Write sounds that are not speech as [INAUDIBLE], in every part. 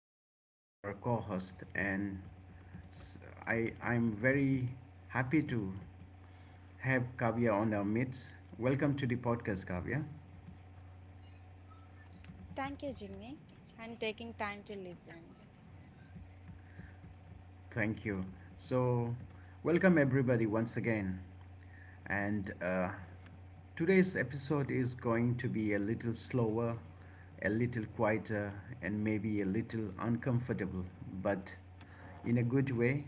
Kavya is our co host. S- I am very happy to have Kavya on our midst. Welcome to the podcast, Kavya. Thank you, Jimmy, and taking time to listen. Thank you. So, Welcome everybody once again. And Today's episode is going to be a little slower, a little quieter, and maybe a little uncomfortable, but in a good way.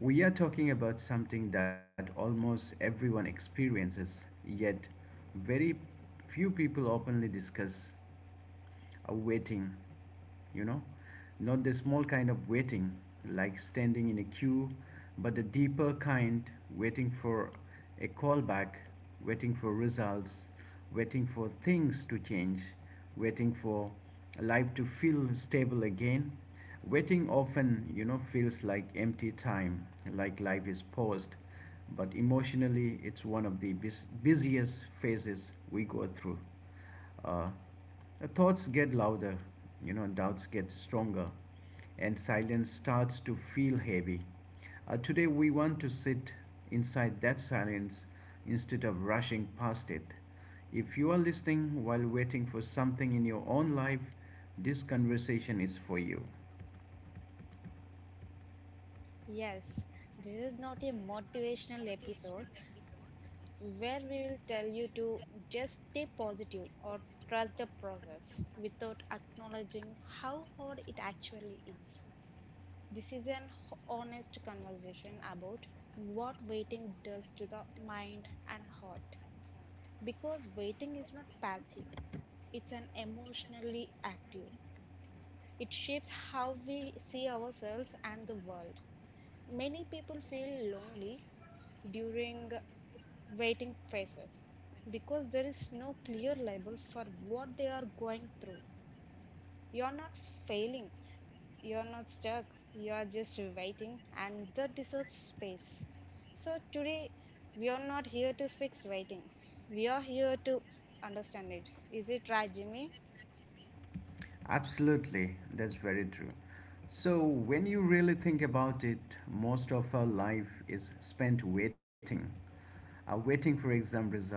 We are talking about something that almost everyone experiences, yet very few people openly discuss a waiting, you know, not the small kind of waiting like standing in a queue, but the deeper kind, waiting for a callback, waiting for results, waiting for things to change, waiting for life to feel stable again. Waiting often, feels like empty time, like life is paused, but emotionally, it's one of the busiest phases we go through. Uh, Thoughts get louder, doubts get stronger, and silence starts to feel heavy. Today, we want to sit inside that silence instead of rushing past it. If you are listening while waiting for something in your own life, this conversation is for you. Yes, this is not a motivational episode where we will tell you to just stay positive or trust the process without acknowledging how hard it actually is. This is an honest conversation about what waiting does to the mind and heart. Because waiting is not passive, it's an emotionally active. It shapes how we see ourselves and the world. Many people feel lonely during waiting phases because there is no clear label for what they are going through. You're not failing, you're not stuck, you're just waiting, and that deserves space. So, today we are not here to fix waiting, we are here to understand it. Is it right, Jimmy? Absolutely, that's very true. So when you really think about it, most of our life is spent waiting. Waiting for exam result,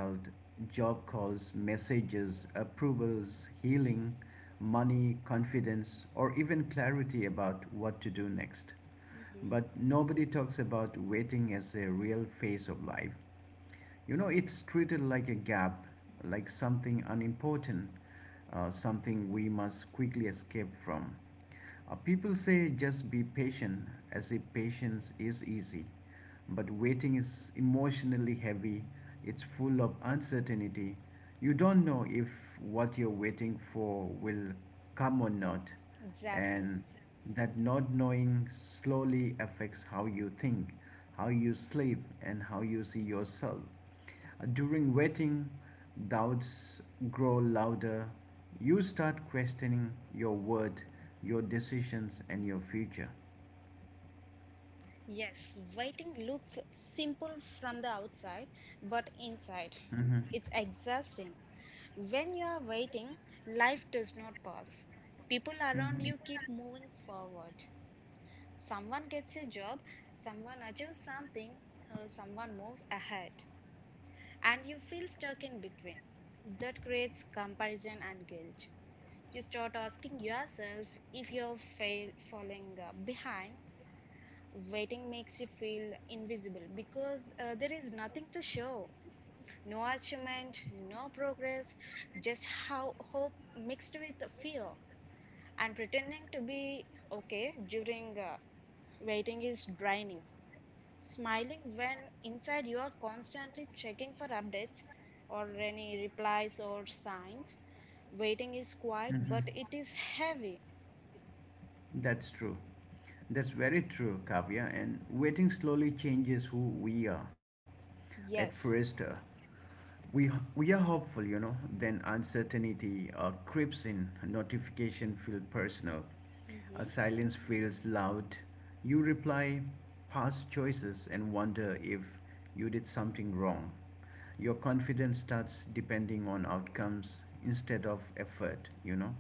job calls, messages, approvals, healing, money, confidence, or even clarity about what to do next. Hmm. But nobody talks about waiting as a real phase of life. You know, it's treated like a gap, like something unimportant, something we must quickly escape from. People say just be patient, as if patience is easy. But waiting is emotionally heavy, it's full of uncertainty. You don't know if what you're waiting for will come or not, Exactly. and that not knowing slowly affects how you think, how you sleep, and how you see yourself. During waiting, doubts grow louder. You start questioning your word, your decisions, and your future. Yes, waiting looks simple from the outside, but inside, Mm-hmm. it's exhausting. When you are waiting, life does not pause. People around Mm-hmm. you keep moving forward. Someone gets a job, someone achieves something, someone moves ahead, and you feel stuck in between. That creates comparison and guilt. You start asking yourself if falling behind. Waiting makes you feel invisible because there is nothing to show. No achievement, no progress, just how hope mixed with fear. And pretending to be okay during waiting is draining. Smiling when inside you are constantly checking for updates or any replies or signs. Waiting is quiet, Mhm. but it is heavy. That's true. That's very true, Kavya. And waiting slowly changes who we are. At first, Yes. We we are hopeful, you know. Then uncertainty creeps in. A notification feels personal. A Mm-hmm. silence feels loud. You reply past choices and wonder if you did something wrong. Your confidence starts depending on outcomes instead of effort, you know.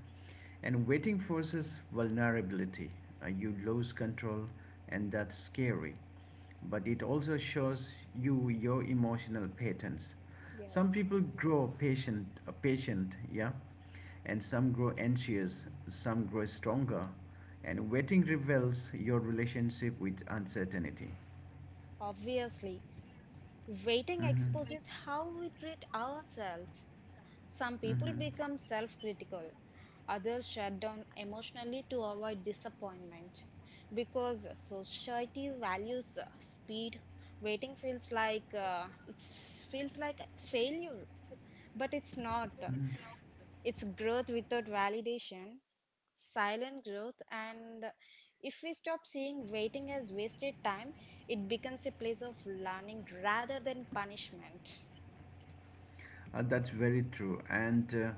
And waiting forces vulnerability. You lose control, and that's scary. But it also shows you your emotional patterns. Some Yes. people grow patient, yeah, and some grow anxious, some grow stronger. And waiting reveals your relationship with uncertainty. Obviously. Waiting Mm-hmm. exposes how we treat ourselves. Some people Mm-hmm. become self critical, others shut down emotionally to avoid disappointment. Because society values speed, waiting feels like a failure, but it's not. It's growth without validation, silent growth, and if we stop seeing waiting as wasted time, it becomes a place of learning rather than punishment. That's very true. And uh,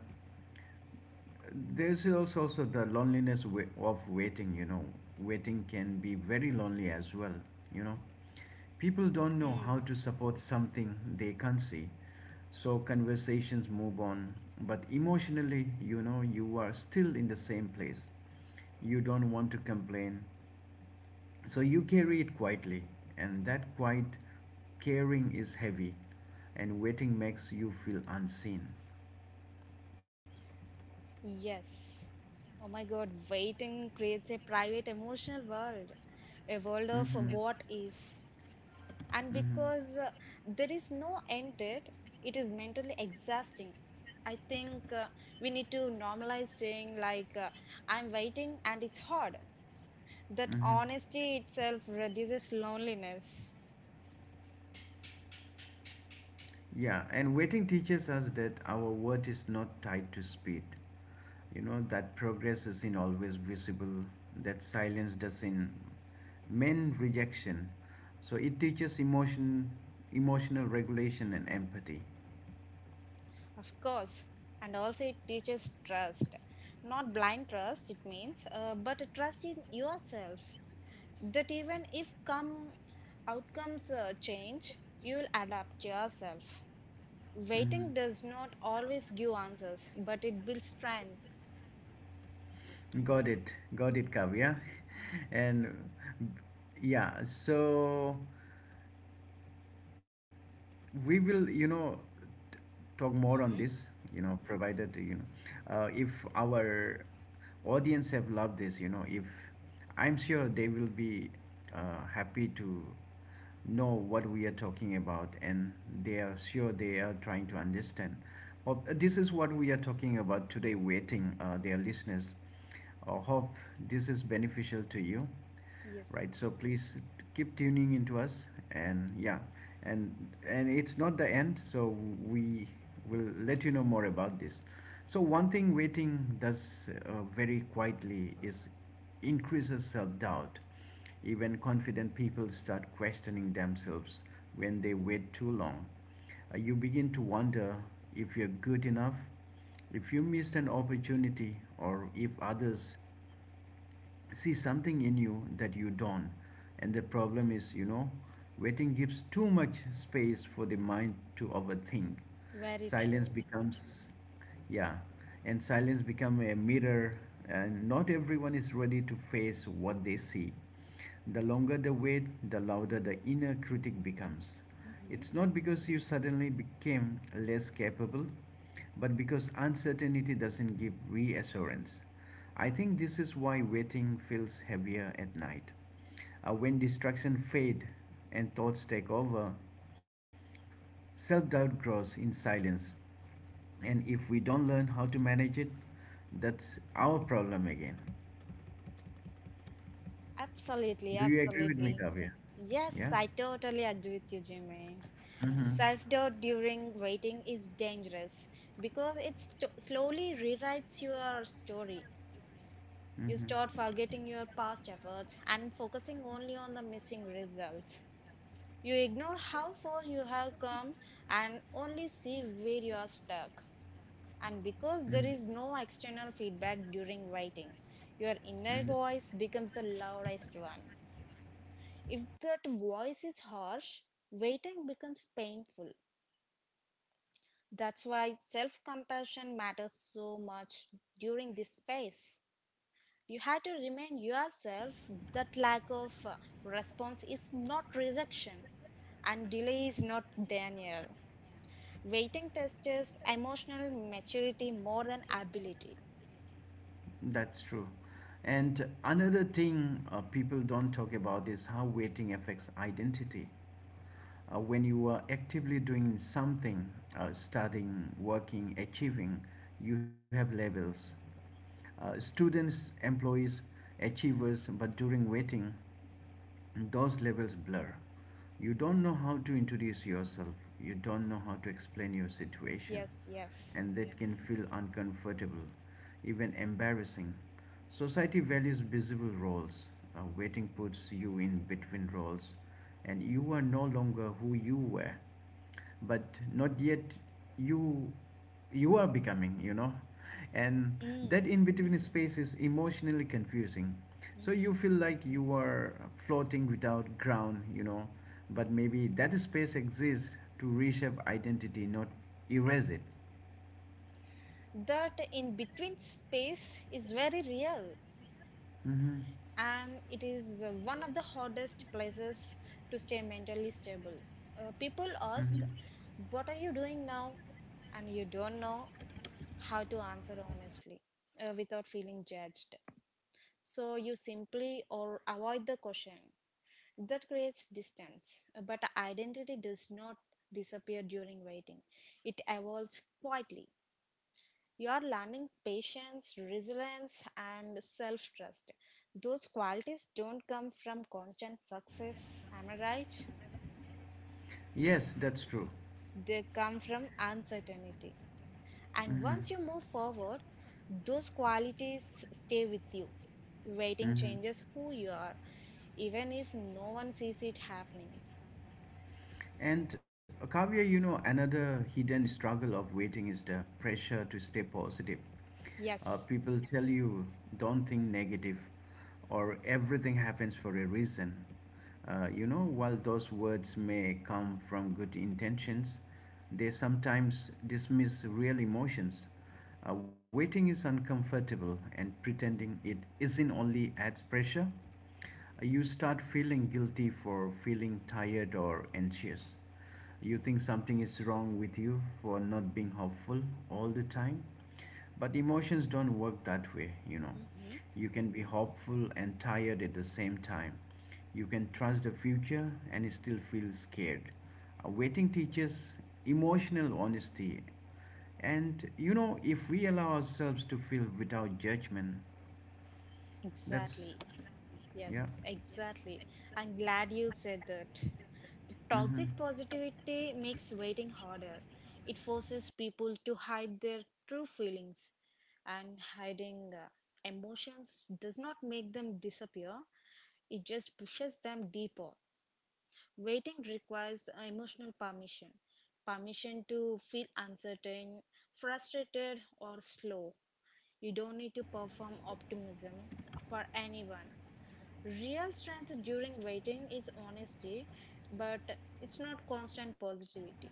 There's also, also the loneliness of waiting, you know. Waiting can be very lonely as well, you know. People don't know how Hmm. to support something they can't see, so conversations move on. But emotionally, you know, you are still in the same place. You don't want to complain, so you carry it quietly, and that quiet caring is heavy, and waiting makes you feel unseen. Yes. Oh my God, waiting creates a private emotional world, a world of Mm-hmm. I would what ifs. And Mm-hmm. because there is no end date, it is mentally exhausting. I think we need to normalize saying, like, I'm waiting and it's hard. That Mm-hmm. honesty itself reduces loneliness, Yeah, and waiting teaches us that our worth is not tied to speed. You know, that progress isn't always visible, that silence doesn't mean rejection. So it teaches emotion, emotional regulation and empathy. of course, and also it teaches trust. Not blind trust, it means, but a trust in yourself that even if come outcomes change, you will adapt yourself. Mhm. Waiting does not always give answers, but it builds strength. Got it, Kavya. [LAUGHS] and Yeah, so we will t- talk more on Mm-hmm. this, you know provided you know if our audience have loved this you know if I'm sure they will be happy to know what we are talking about, and they are sure they are trying to understand. This is what we are talking about today, waiting, their listeners, hope this is beneficial to you. Yes, Right, so please keep tuning into us. And yeah, and and it's not the end, so we will let you know more about this. So one thing waiting does very quietly is increases self-doubt. Even confident people start questioning themselves when they wait too long. You begin to wonder if you're good enough, if you missed an opportunity, or if others see something in you that you don't. And the problem is, you know, waiting gives too much space for the mind to overthink. very silence true. becomes yeah Silence become a mirror, and not everyone is ready to face what they see. The longer the wait, the louder the inner critic becomes. Mm-hmm. It's not because you suddenly became less capable, but because uncertainty doesn't give reassurance. I think this is why waiting feels heavier at night. When distraction fade and thoughts take over, self-doubt grows in silence. And if we don't learn how to manage it, that's our problem again. Absolutely, Do you agree with me, absolutely. Kavya? Yes, Yeah. I totally agree with you, Jimmy. Mm-hmm. Self-doubt during waiting is dangerous because it slowly rewrites your story. You Mm-hmm. start forgetting your past efforts and focusing only on the missing results. You ignore how far you have come and only see where you are stuck. And because there Mm-hmm. is no external feedback during writing, your inner voice becomes the loudest one. If that voice is harsh, waiting becomes painful. That's why self compassion matters so much during this phase. You have to remind yourself that lack of response is not rejection and delay is not denial. Waiting tests emotional maturity more than ability. That's true. And another thing people don't talk about is how waiting affects identity. When you are actively doing something, studying, working, achieving, you have labels. Students, employees, achievers, but during waiting, those labels blur. You don't know how to introduce yourself, you don't know how to explain your situation, Yes, yes. and that can feel uncomfortable, even embarrassing. Society values visible roles. Waiting puts you in between roles and you are no longer who you were, but not yet, you you are becoming, you know. And that Mm. in between space is emotionally confusing. So Mhm. you feel like you are floating without ground, you know, but maybe that space exists to reshape identity, not erase it. That in between space is very real Hmm. and it is one of the hardest places to stay mentally stable. People ask, Hmm. what are you doing now? And you don't know how to answer honestly without feeling judged. So you simply or avoid the question. That creates distance, but identity does not disappear during waiting. It evolves quietly. You are learning patience, resilience, and self trust. Those qualities don't come from constant success, am I right? Yes, that's true. They come from uncertainty. And once you move forward, those qualities stay with you. Waiting Hmm. changes who you are, even if no one sees it happening. And Kavya, you know, another hidden struggle of waiting is the pressure to stay positive. Yes. People tell you, don't think negative, or everything happens for a reason. You know, while those words may come from good intentions, they sometimes dismiss real emotions. Waiting is uncomfortable, and pretending it isn't only adds pressure. You start feeling guilty for feeling tired or anxious. You think something is wrong with you for not being hopeful all the time. But emotions don't work that way, you know. You can be hopeful and tired at the same time. You can trust the future and still feel scared. Waiting teaches emotional honesty. And you know, if we allow ourselves to feel without judgment, that's, Exactly. Yes, yeah. exactly. I'm glad you said that. Mm-hmm. Toxic positivity makes waiting harder. It forces people to hide their true feelings, and hiding emotions does not make them disappear, it just pushes them deeper. Waiting requires emotional permission, permission to feel uncertain, frustrated, or slow. You don't need to perform optimism for anyone. Real strength during waiting is honesty, but it's not constant positivity.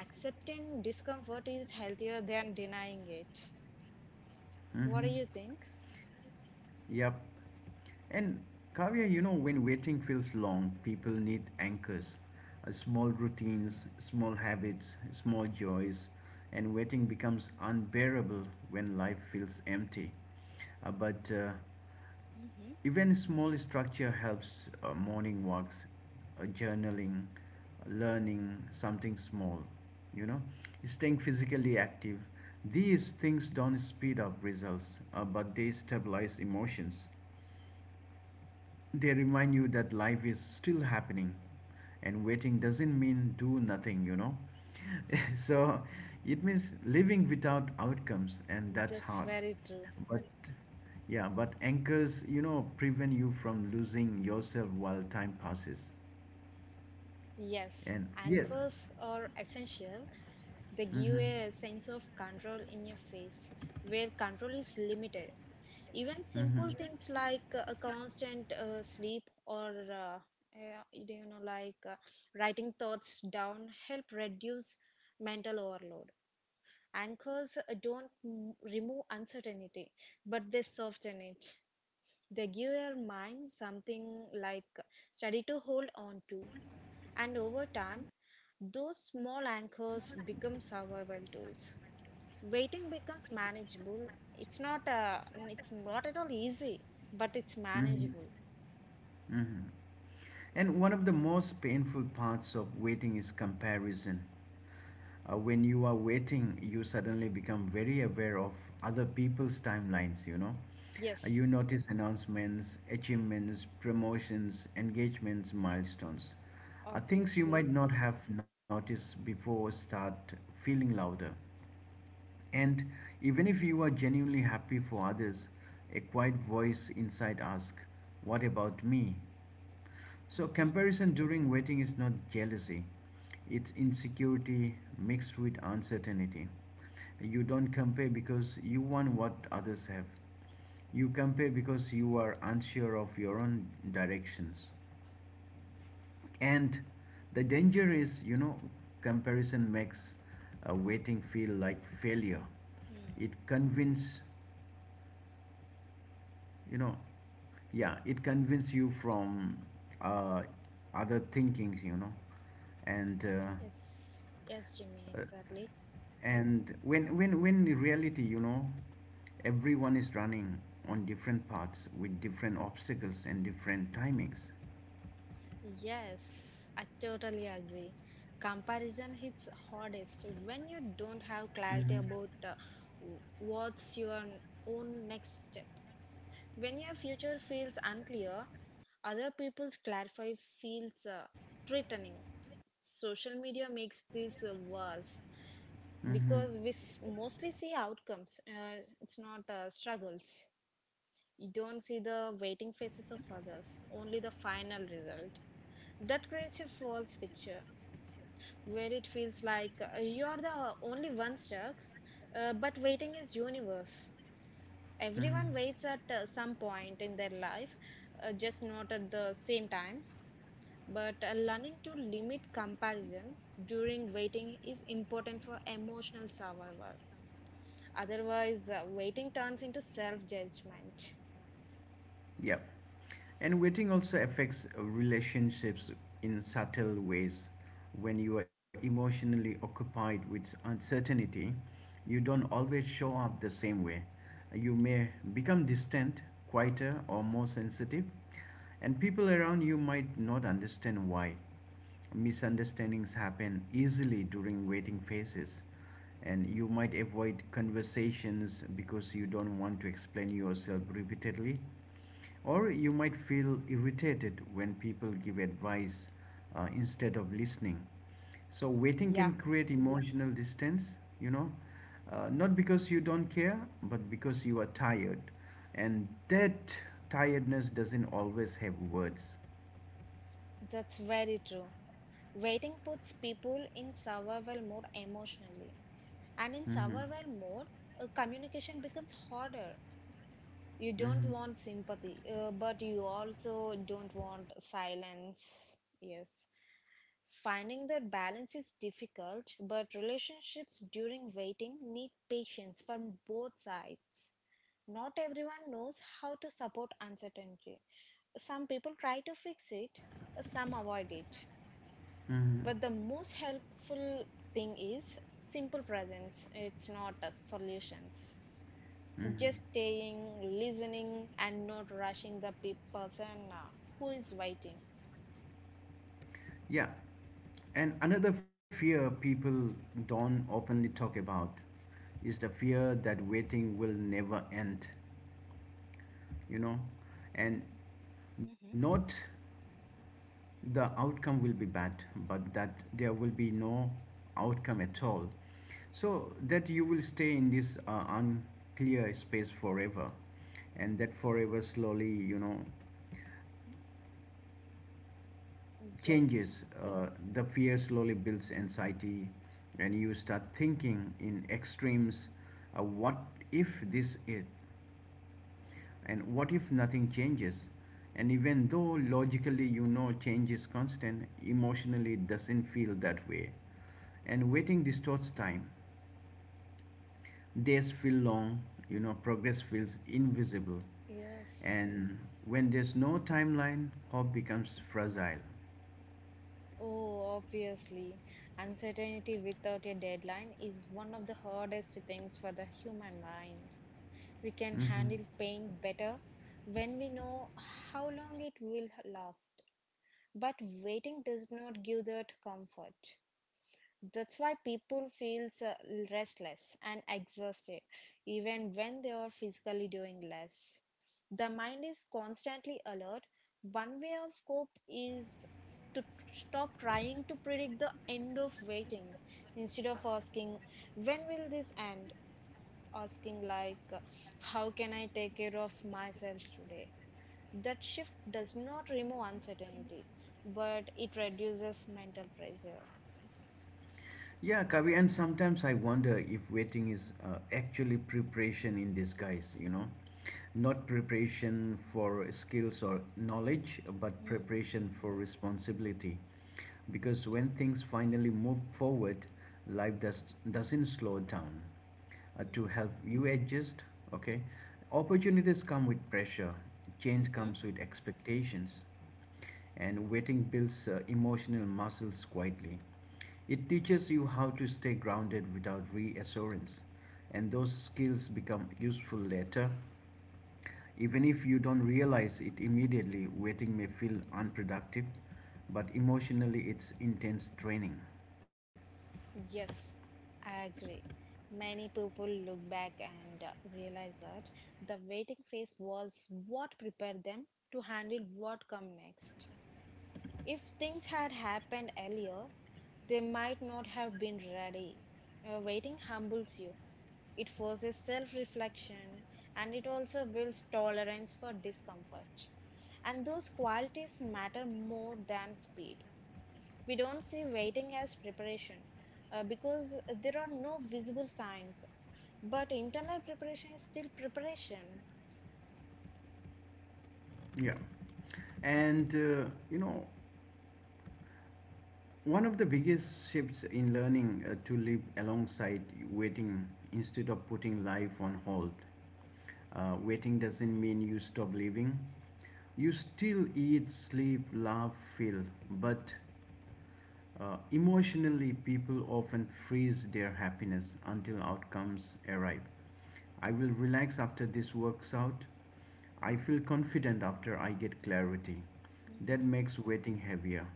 Accepting discomfort is healthier than denying it. Mm-hmm. What do you think? Yep. And Kavya, you know, when waiting feels long, people need anchors, small routines, small habits, small joys, and waiting becomes unbearable when life feels empty. But Hmm. Even small structure helps, morning walks, journaling, learning something small, you know, staying physically active. These things don't speed up results, but they stabilize emotions. They remind you that life is still happening and waiting doesn't mean do nothing, you know. [LAUGHS] so it means living without outcomes and that's That's hard. very true. But yeah, but anchors, you know, prevent you from losing yourself while time passes. Yes, And yes. anchors are essential. They give Mhm. a sense of control in your face where control is limited. Even simple Mhm. things like a constant sleep or uh, you know like writing thoughts down help reduce mental overload. Anchors don't remove uncertainty, but they soften it. They give your mind something like steady to hold on to, and over time, those small anchors become survival tools. Waiting becomes manageable. It's not at all easy, but it's Mhm. manageable. Mhm. And one of the most painful parts of waiting is comparison. When you are waiting you suddenly become very aware of other people's timelines, you know. You Yes, notice announcements, achievements, promotions, engagements, milestones, things you obviously. might not have noticed before start feeling louder. And even if you are genuinely happy for others, a quiet voice inside asks, what about me? So Mm-hmm. comparison during waiting is not jealousy, it's insecurity mixed with uncertainty. You don't compare because you want what others have. You compare because you are unsure of your own directions. And the danger is, you know, comparison makes waiting feel like failure. Mm. It convinces you know yeah it convinces you from uh, other thinkings, you know and uh, Yes, yes, Jimmy, uh, exactly. and when in reality, you know, everyone is running on different paths with different obstacles and different timings. Yes, I totally agree. Comparison hits hardest when you don't have clarity Mm-hmm. about w- what's your n- own next step. When your future feels unclear, other people's clarify feels threatening. Social media makes this worse, Mm-hmm. because we mostly see outcomes, it's not struggles. You don't see the waiting faces of others, only the final result. That creates a false picture where it feels like you are the only one stuck. Uh, but waiting is universe, everyone Mm-hmm. waits at some point in their life, just not at the same time. But learning to limit comparison during waiting is important for emotional survival. Otherwise, waiting turns into self judgment. Yep. And waiting also affects relationships in subtle ways. When you are emotionally occupied with uncertainty, you don't Mhm. always show up the same way. You may become distant, quieter, or more sensitive, and people around you might not understand why. Misunderstandings happen easily during waiting phases, and you might avoid conversations because you don't want to explain yourself repeatedly, or you might feel irritated when people give advice instead of listening. So waiting Yeah, can create emotional distance, you know, not because you don't care, but because you are tired. And that tiredness doesn't always have words. that's very true. Waiting puts people in survival mode emotionally, and in Hmm. survival mode, communication becomes harder. You don't Hmm. want sympathy, but you also don't want silence. Yes. Finding that balance is difficult, but relationships during waiting need patience from both sides. Not everyone knows how to support uncertainty. Some people try to fix it, some avoid it. Hmm. But the most helpful thing is simple presence, it's not solutions, Hmm. just staying, listening, and not rushing the person who is waiting. Yeah, and another fear people don't openly talk about is the fear that waiting will never end, you know, and Hmm. not the outcome will be bad, but that there will be no outcome at all. So that you will stay in this unclear space forever, and that forever slowly, you know, Yes, changes. The fear slowly builds anxiety, and you start thinking in extremes. What if this it? And what if nothing changes? And even though logically you know change is constant, emotionally it doesn't feel that way. And waiting distorts time. Days feel long, you know, progress feels invisible. yes. And when there's no timeline, hope becomes fragile. Oh, obviously. Uncertainty without a deadline is one of the hardest things for the human mind. We can hmm handle pain better when we know how long it will last. But waiting does not give that comfort. That's why people feels restless and exhausted even when they are physically doing less. The mind is constantly alert. One way of cope is to stop trying to predict the end of waiting. Instead of asking when will this end, asking like, how can I take care of myself today? That shift does not remove uncertainty but it reduces mental pressure. Yeah, Kavi, and sometimes I wonder if waiting is actually preparation in disguise, you know? Not preparation for skills or knowledge, but Mm-hmm. preparation for responsibility. Because when things finally move forward, life does doesn't slow down to help you adjust. Okay, opportunities come with pressure, change comes with expectations, and waiting builds emotional muscles quietly. It teaches you how to stay grounded without reassurance, and those skills become useful later. Even if you don't realize it immediately, waiting may feel unproductive, but emotionally it's intense training. Yes, I agree. Many people look back and realize that the waiting phase was what prepared them to handle what come next. If things had happened earlier, they might not have been ready. Waiting humbles you. It forces self-reflection and it also builds tolerance for discomfort. And those qualities matter more than speed. We don't see waiting as preparation because there are no visible signs. But internal preparation is still preparation. Yeah. And you know, one of the biggest shifts in learning to live alongside waiting instead of putting life on hold. Waiting doesn't mean you stop living. You still eat, sleep, laugh, feel, but emotionally, people often freeze their happiness until outcomes arrive. I will relax after this works out. I feel confident after I get clarity. That Hmm. makes waiting heavier.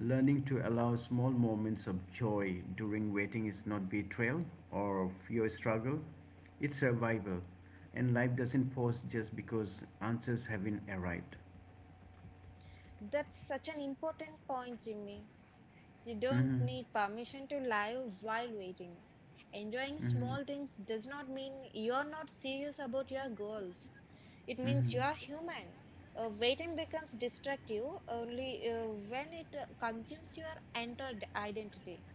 Learning to allow small moments of joy during waiting is not betrayal or fear struggle, it's survival. And life doesn't pause just because answers haven't arrived. That's such an important point, Jimmy. You don't Mm-hmm. need permission to lie while waiting. Enjoying Mm-hmm. small things does not mean you're not serious about your goals. It means you Mm-hmm. are human. Waiting becomes destructive only when it consumes your entire identity.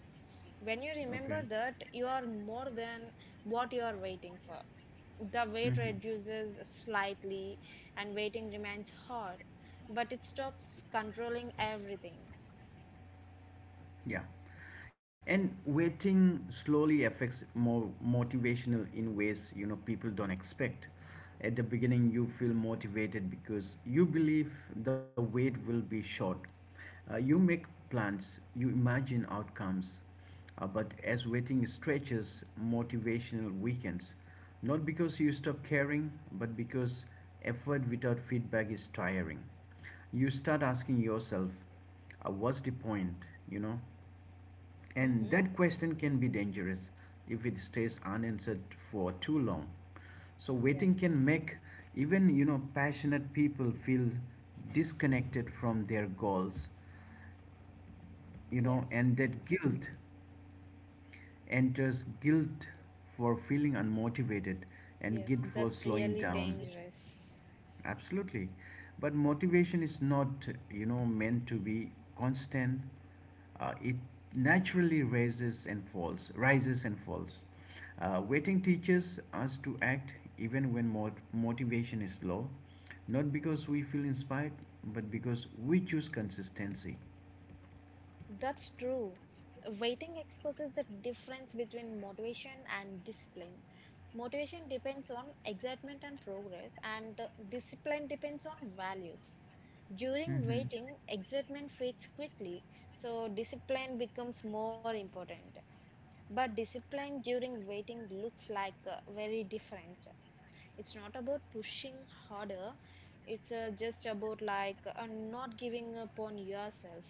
When you Okay. remember that, you are more than what you are waiting for. The weight Mm-hmm. reduces slightly, and waiting remains hard, but it stops controlling everything. Yeah. And waiting slowly affects more motivational in ways, you know, people don't expect. At the beginning, you feel motivated because you believe the wait will be short. You make plans, you imagine outcomes, but as waiting stretches, motivational weakens, not because you stop caring, but because effort without feedback is tiring. You start asking yourself, what's the point? You know, and Mm-hmm. that question can be dangerous if it stays unanswered for too long. So waiting Yes, can make even, you know, passionate people feel disconnected from their goals, you know, yes, and that guilt enters, guilt for feeling unmotivated and yes, guilt for that's slowing really down. dangerous. Absolutely. But motivation is not, you know, meant to be constant. It naturally rises and falls. Waiting teaches us to act even when motivation is low, not because we feel inspired, but because we choose consistency. That's true. Waiting exposes the difference between motivation and discipline. Motivation depends on excitement and progress, and discipline depends on values. During Mm-hmm. waiting, excitement fades quickly, so discipline becomes more important. But discipline during waiting looks like very different. It's not about pushing harder, it's just about not giving up on yourself.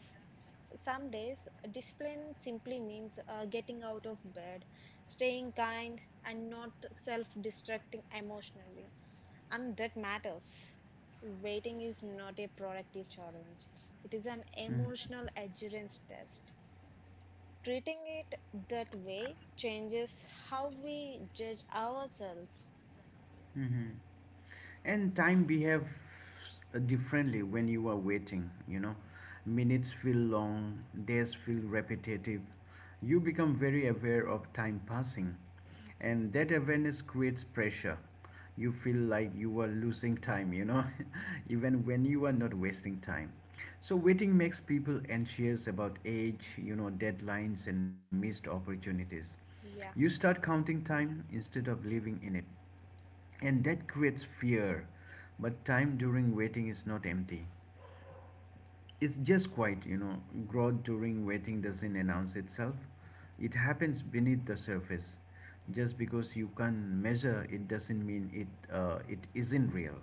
Some days, discipline simply means getting out of bed, staying kind, and not self destructing emotionally. And that matters. Waiting is not a productive challenge, it is an Mm-hmm. emotional endurance test. Treating it that way changes how we judge ourselves. Mm-hmm. And time behaves differently when you are waiting, you know. Minutes feel long, days feel repetitive. You become very aware of time passing, Mhm. and that awareness creates pressure. You feel like you are losing time, you know, [LAUGHS] even when you are not wasting time. So, waiting makes people anxious about age, you know, deadlines, and missed opportunities. You Yeah. start counting time instead of living in it, and that creates fear, but time during waiting is not empty, it's just quiet, you know. Growth during waiting doesn't announce itself, it happens beneath the surface. Just because you can't measure it doesn't mean it isn't real.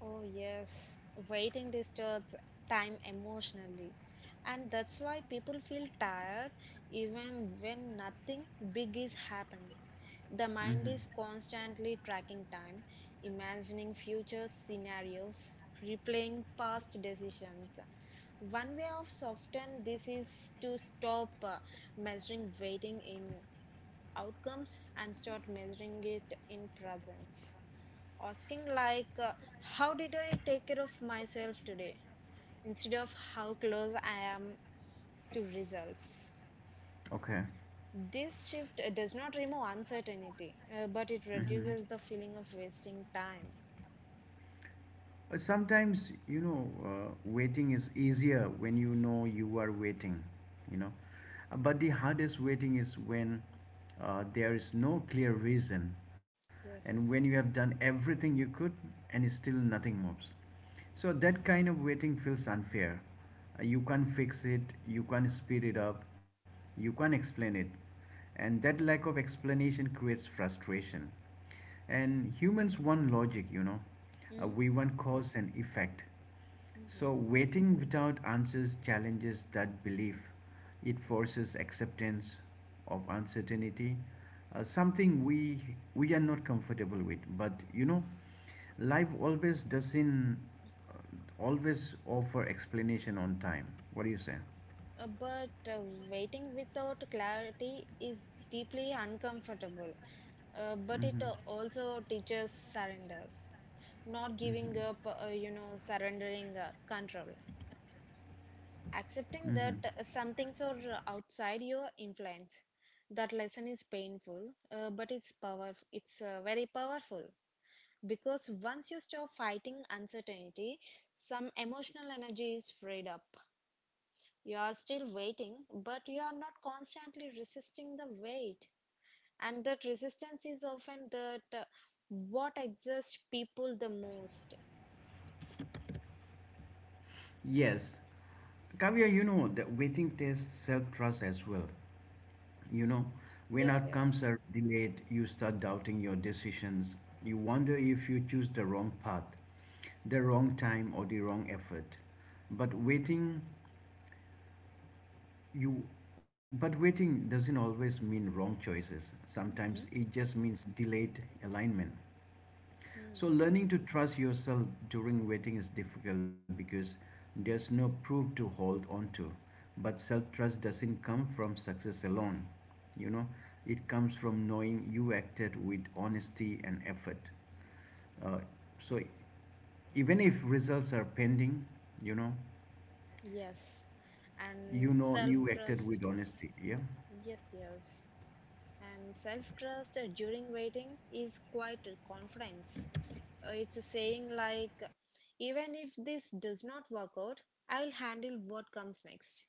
Oh, yes. Waiting disturbs time emotionally. And that's why people feel tired even when nothing big is happening. The mind Mm-hmm. is constantly tracking time, imagining future scenarios, replaying past decisions. One way of soften this is to stop measuring waiting in outcomes and start measuring it in presence, asking like, how did I take care of myself today instead of how close I am to results. Okay. This shift does not remove uncertainty but it Mm-hmm. reduces the feeling of wasting time. Sometimes, you know, waiting is easier when you know you are waiting, you know. But the hardest waiting is when there is no clear reason and when you Yes. have done everything you could and still nothing moves. So that kind of waiting feels unfair. You can't fix it, you can't speed it up, you can't explain it. And that lack of explanation creates frustration. And humans want logic, you know. Mm. We want cause and effect. Mm-hmm. So, waiting without answers challenges that belief. It forces acceptance of uncertainty, something we are not comfortable with. But you know, life always doesn't always offer explanation on time. What do you say? But Waiting without clarity is deeply uncomfortable but it Mm-hmm. Also teaches surrender, not giving up, you know, surrendering control, accepting that Mm-hmm. Some things are outside your influence. That lesson is painful but it's powerful, it's very powerful, because once you stop fighting uncertainty, some emotional energy is freed up. You are still waiting but you are not constantly resisting the weight, and that resistance is often that what exhausts people the most. Yes. Kavya, you know, that waiting tests self trust as well. You know, when Yes, outcomes yes. are delayed, you start doubting your decisions. You wonder if you choose the wrong path, the wrong time, or the wrong effort. But waiting, you but waiting doesn't always mean wrong choices. Hmm. Sometimes it just means delayed alignment. So, learning to trust yourself during waiting is difficult because there's no proof to hold on to. But self trust doesn't come from success alone, you know, it comes from knowing you acted with honesty and effort. Uh, so, even if results are pending, you know, Yes, you and know self you acted trust. with honesty, yeah. Yes, yes. And self trust during waiting is quite a confidence. It's a saying like, even if this does not work out, I'll handle what comes next.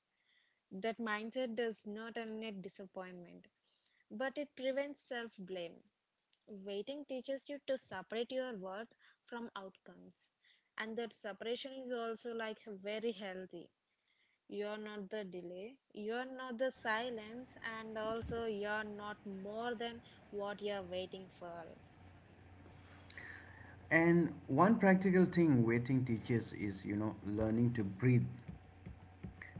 That mindset does not eliminate disappointment, but it prevents self blame. Waiting teaches you to separate your worth from outcomes. And that separation is also like very healthy. You're not the delay, you're not the silence, and also you're not more than what you're waiting for. And one practical thing waiting teaches is, you know, learning to breathe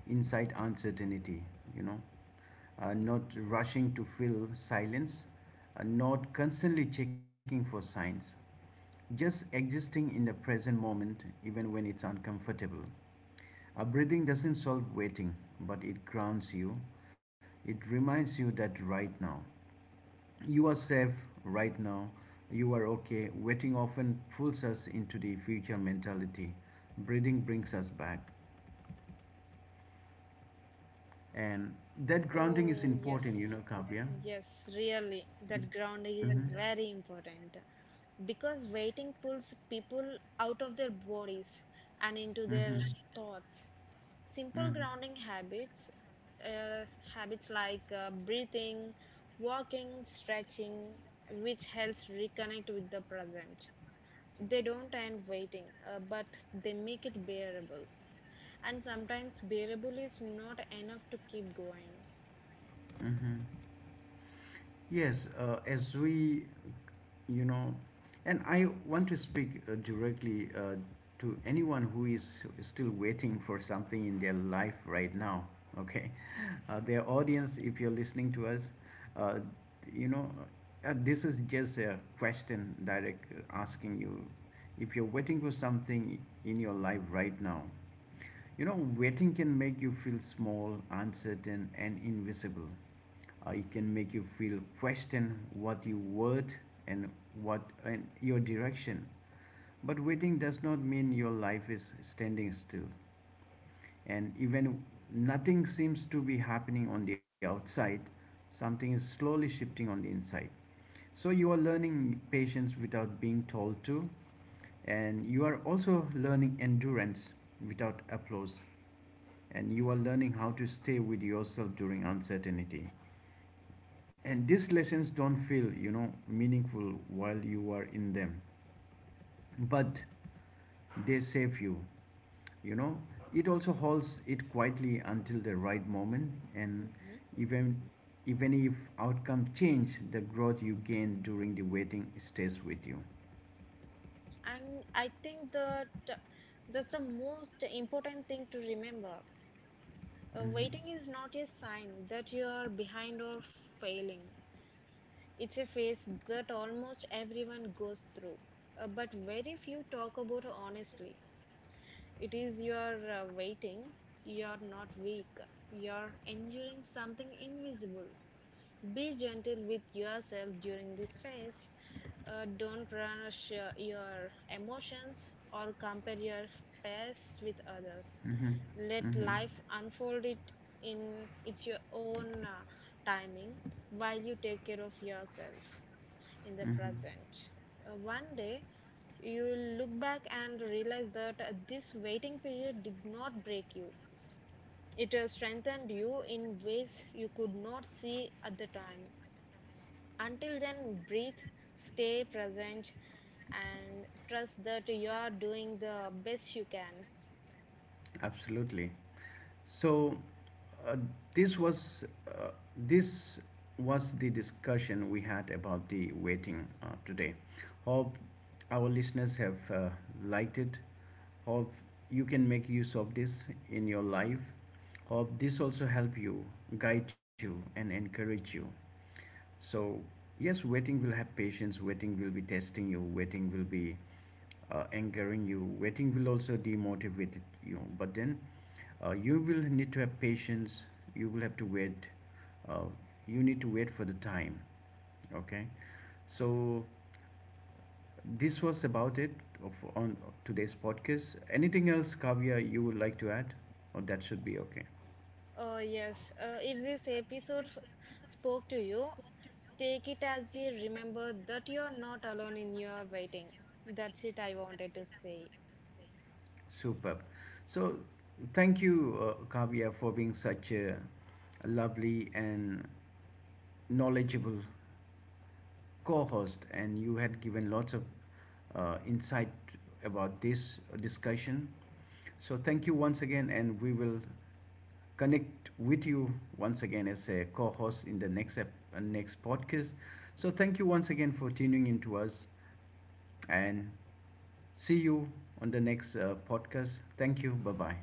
inside uncertainty, you know, not rushing to fill silence, not constantly checking for signs, just existing in the present moment even when it's uncomfortable. Breathing doesn't solve waiting, but it grounds you. It reminds you that right now, you are safe, right now, you are okay. Waiting often pulls us into the future mentality. Breathing brings us back. And that grounding is Oh, yes, important, you know, Kavya. yes, really. That grounding is Mm-hmm. very important because waiting pulls people out of their bodies and into their Mm-hmm. thoughts. Simple Mm-hmm. grounding habits, uh, habits like breathing, walking, stretching, which helps reconnect with the present. They don't end waiting, but they make it bearable. And sometimes bearable is not enough to keep going. Mm-hmm. Yes, you know, and I want to speak directly to anyone who is still waiting for something in their life right now, okay? Their audience, if you're listening to us, uh, you know, this is just a question direct asking you if you're waiting for something in your life right now. You know, waiting can make you feel small, uncertain, and invisible. It can make you feel question what you worth and what and your direction. But waiting does not mean your life is standing still. And even nothing seems to be happening on the outside, something is slowly shifting on the inside. So you are learning patience without being told to, and you are also learning endurance without applause, and you are learning how to stay with yourself during uncertainty. And these lessons don't feel, you know, meaningful while you are in them, but they save you, you know. It also holds it quietly until the right moment, and Hmm. even even if outcome change, the growth you gain during the waiting stays with you. And I think that that's the most important thing to remember. Mhm. Waiting is not a sign that you're behind or failing. It's a phase that almost everyone goes through, but very few talk about honestly. It is your waiting, you're not weak, you're enduring something invisible. Be gentle with yourself during this phase. Don't rush your emotions or compare your past with others. Let life unfold it in its your own timing while you take care of yourself in the present. One day, you'll look back and realize that this waiting period did not break you. It strengthened you in ways you could not see at the time. Until then, breathe, stay present, and trust that you are doing the best you can. Absolutely. So uh, this was uh, this was the discussion we had about the waiting today. Hope our listeners have liked it. Hope you can make use of this in your life. Hope this also help you, guide you, and encourage you, so, yes, waiting will have patience, waiting will be testing you, waiting will be angering you, waiting will also demotivate you. But then you will need to have patience, you will have to wait, uh, you need to wait for the time. Okay, so this was about it of, on today's podcast. Anything else, Kavya, you would like to add? Or that should be okay. Yes, if this episode spoke to you, take it as a remember that you are not alone in your waiting. That's it I wanted to say. Superb. So, thank you, Kavya, for being such a lovely and knowledgeable co-host, and you had given lots of insight about this discussion. So, thank you once again, and we will connect with you once again as a co-host in the next next podcast. So, thank you once again for tuning in to us, and see you on the next podcast. Thank you. Bye bye.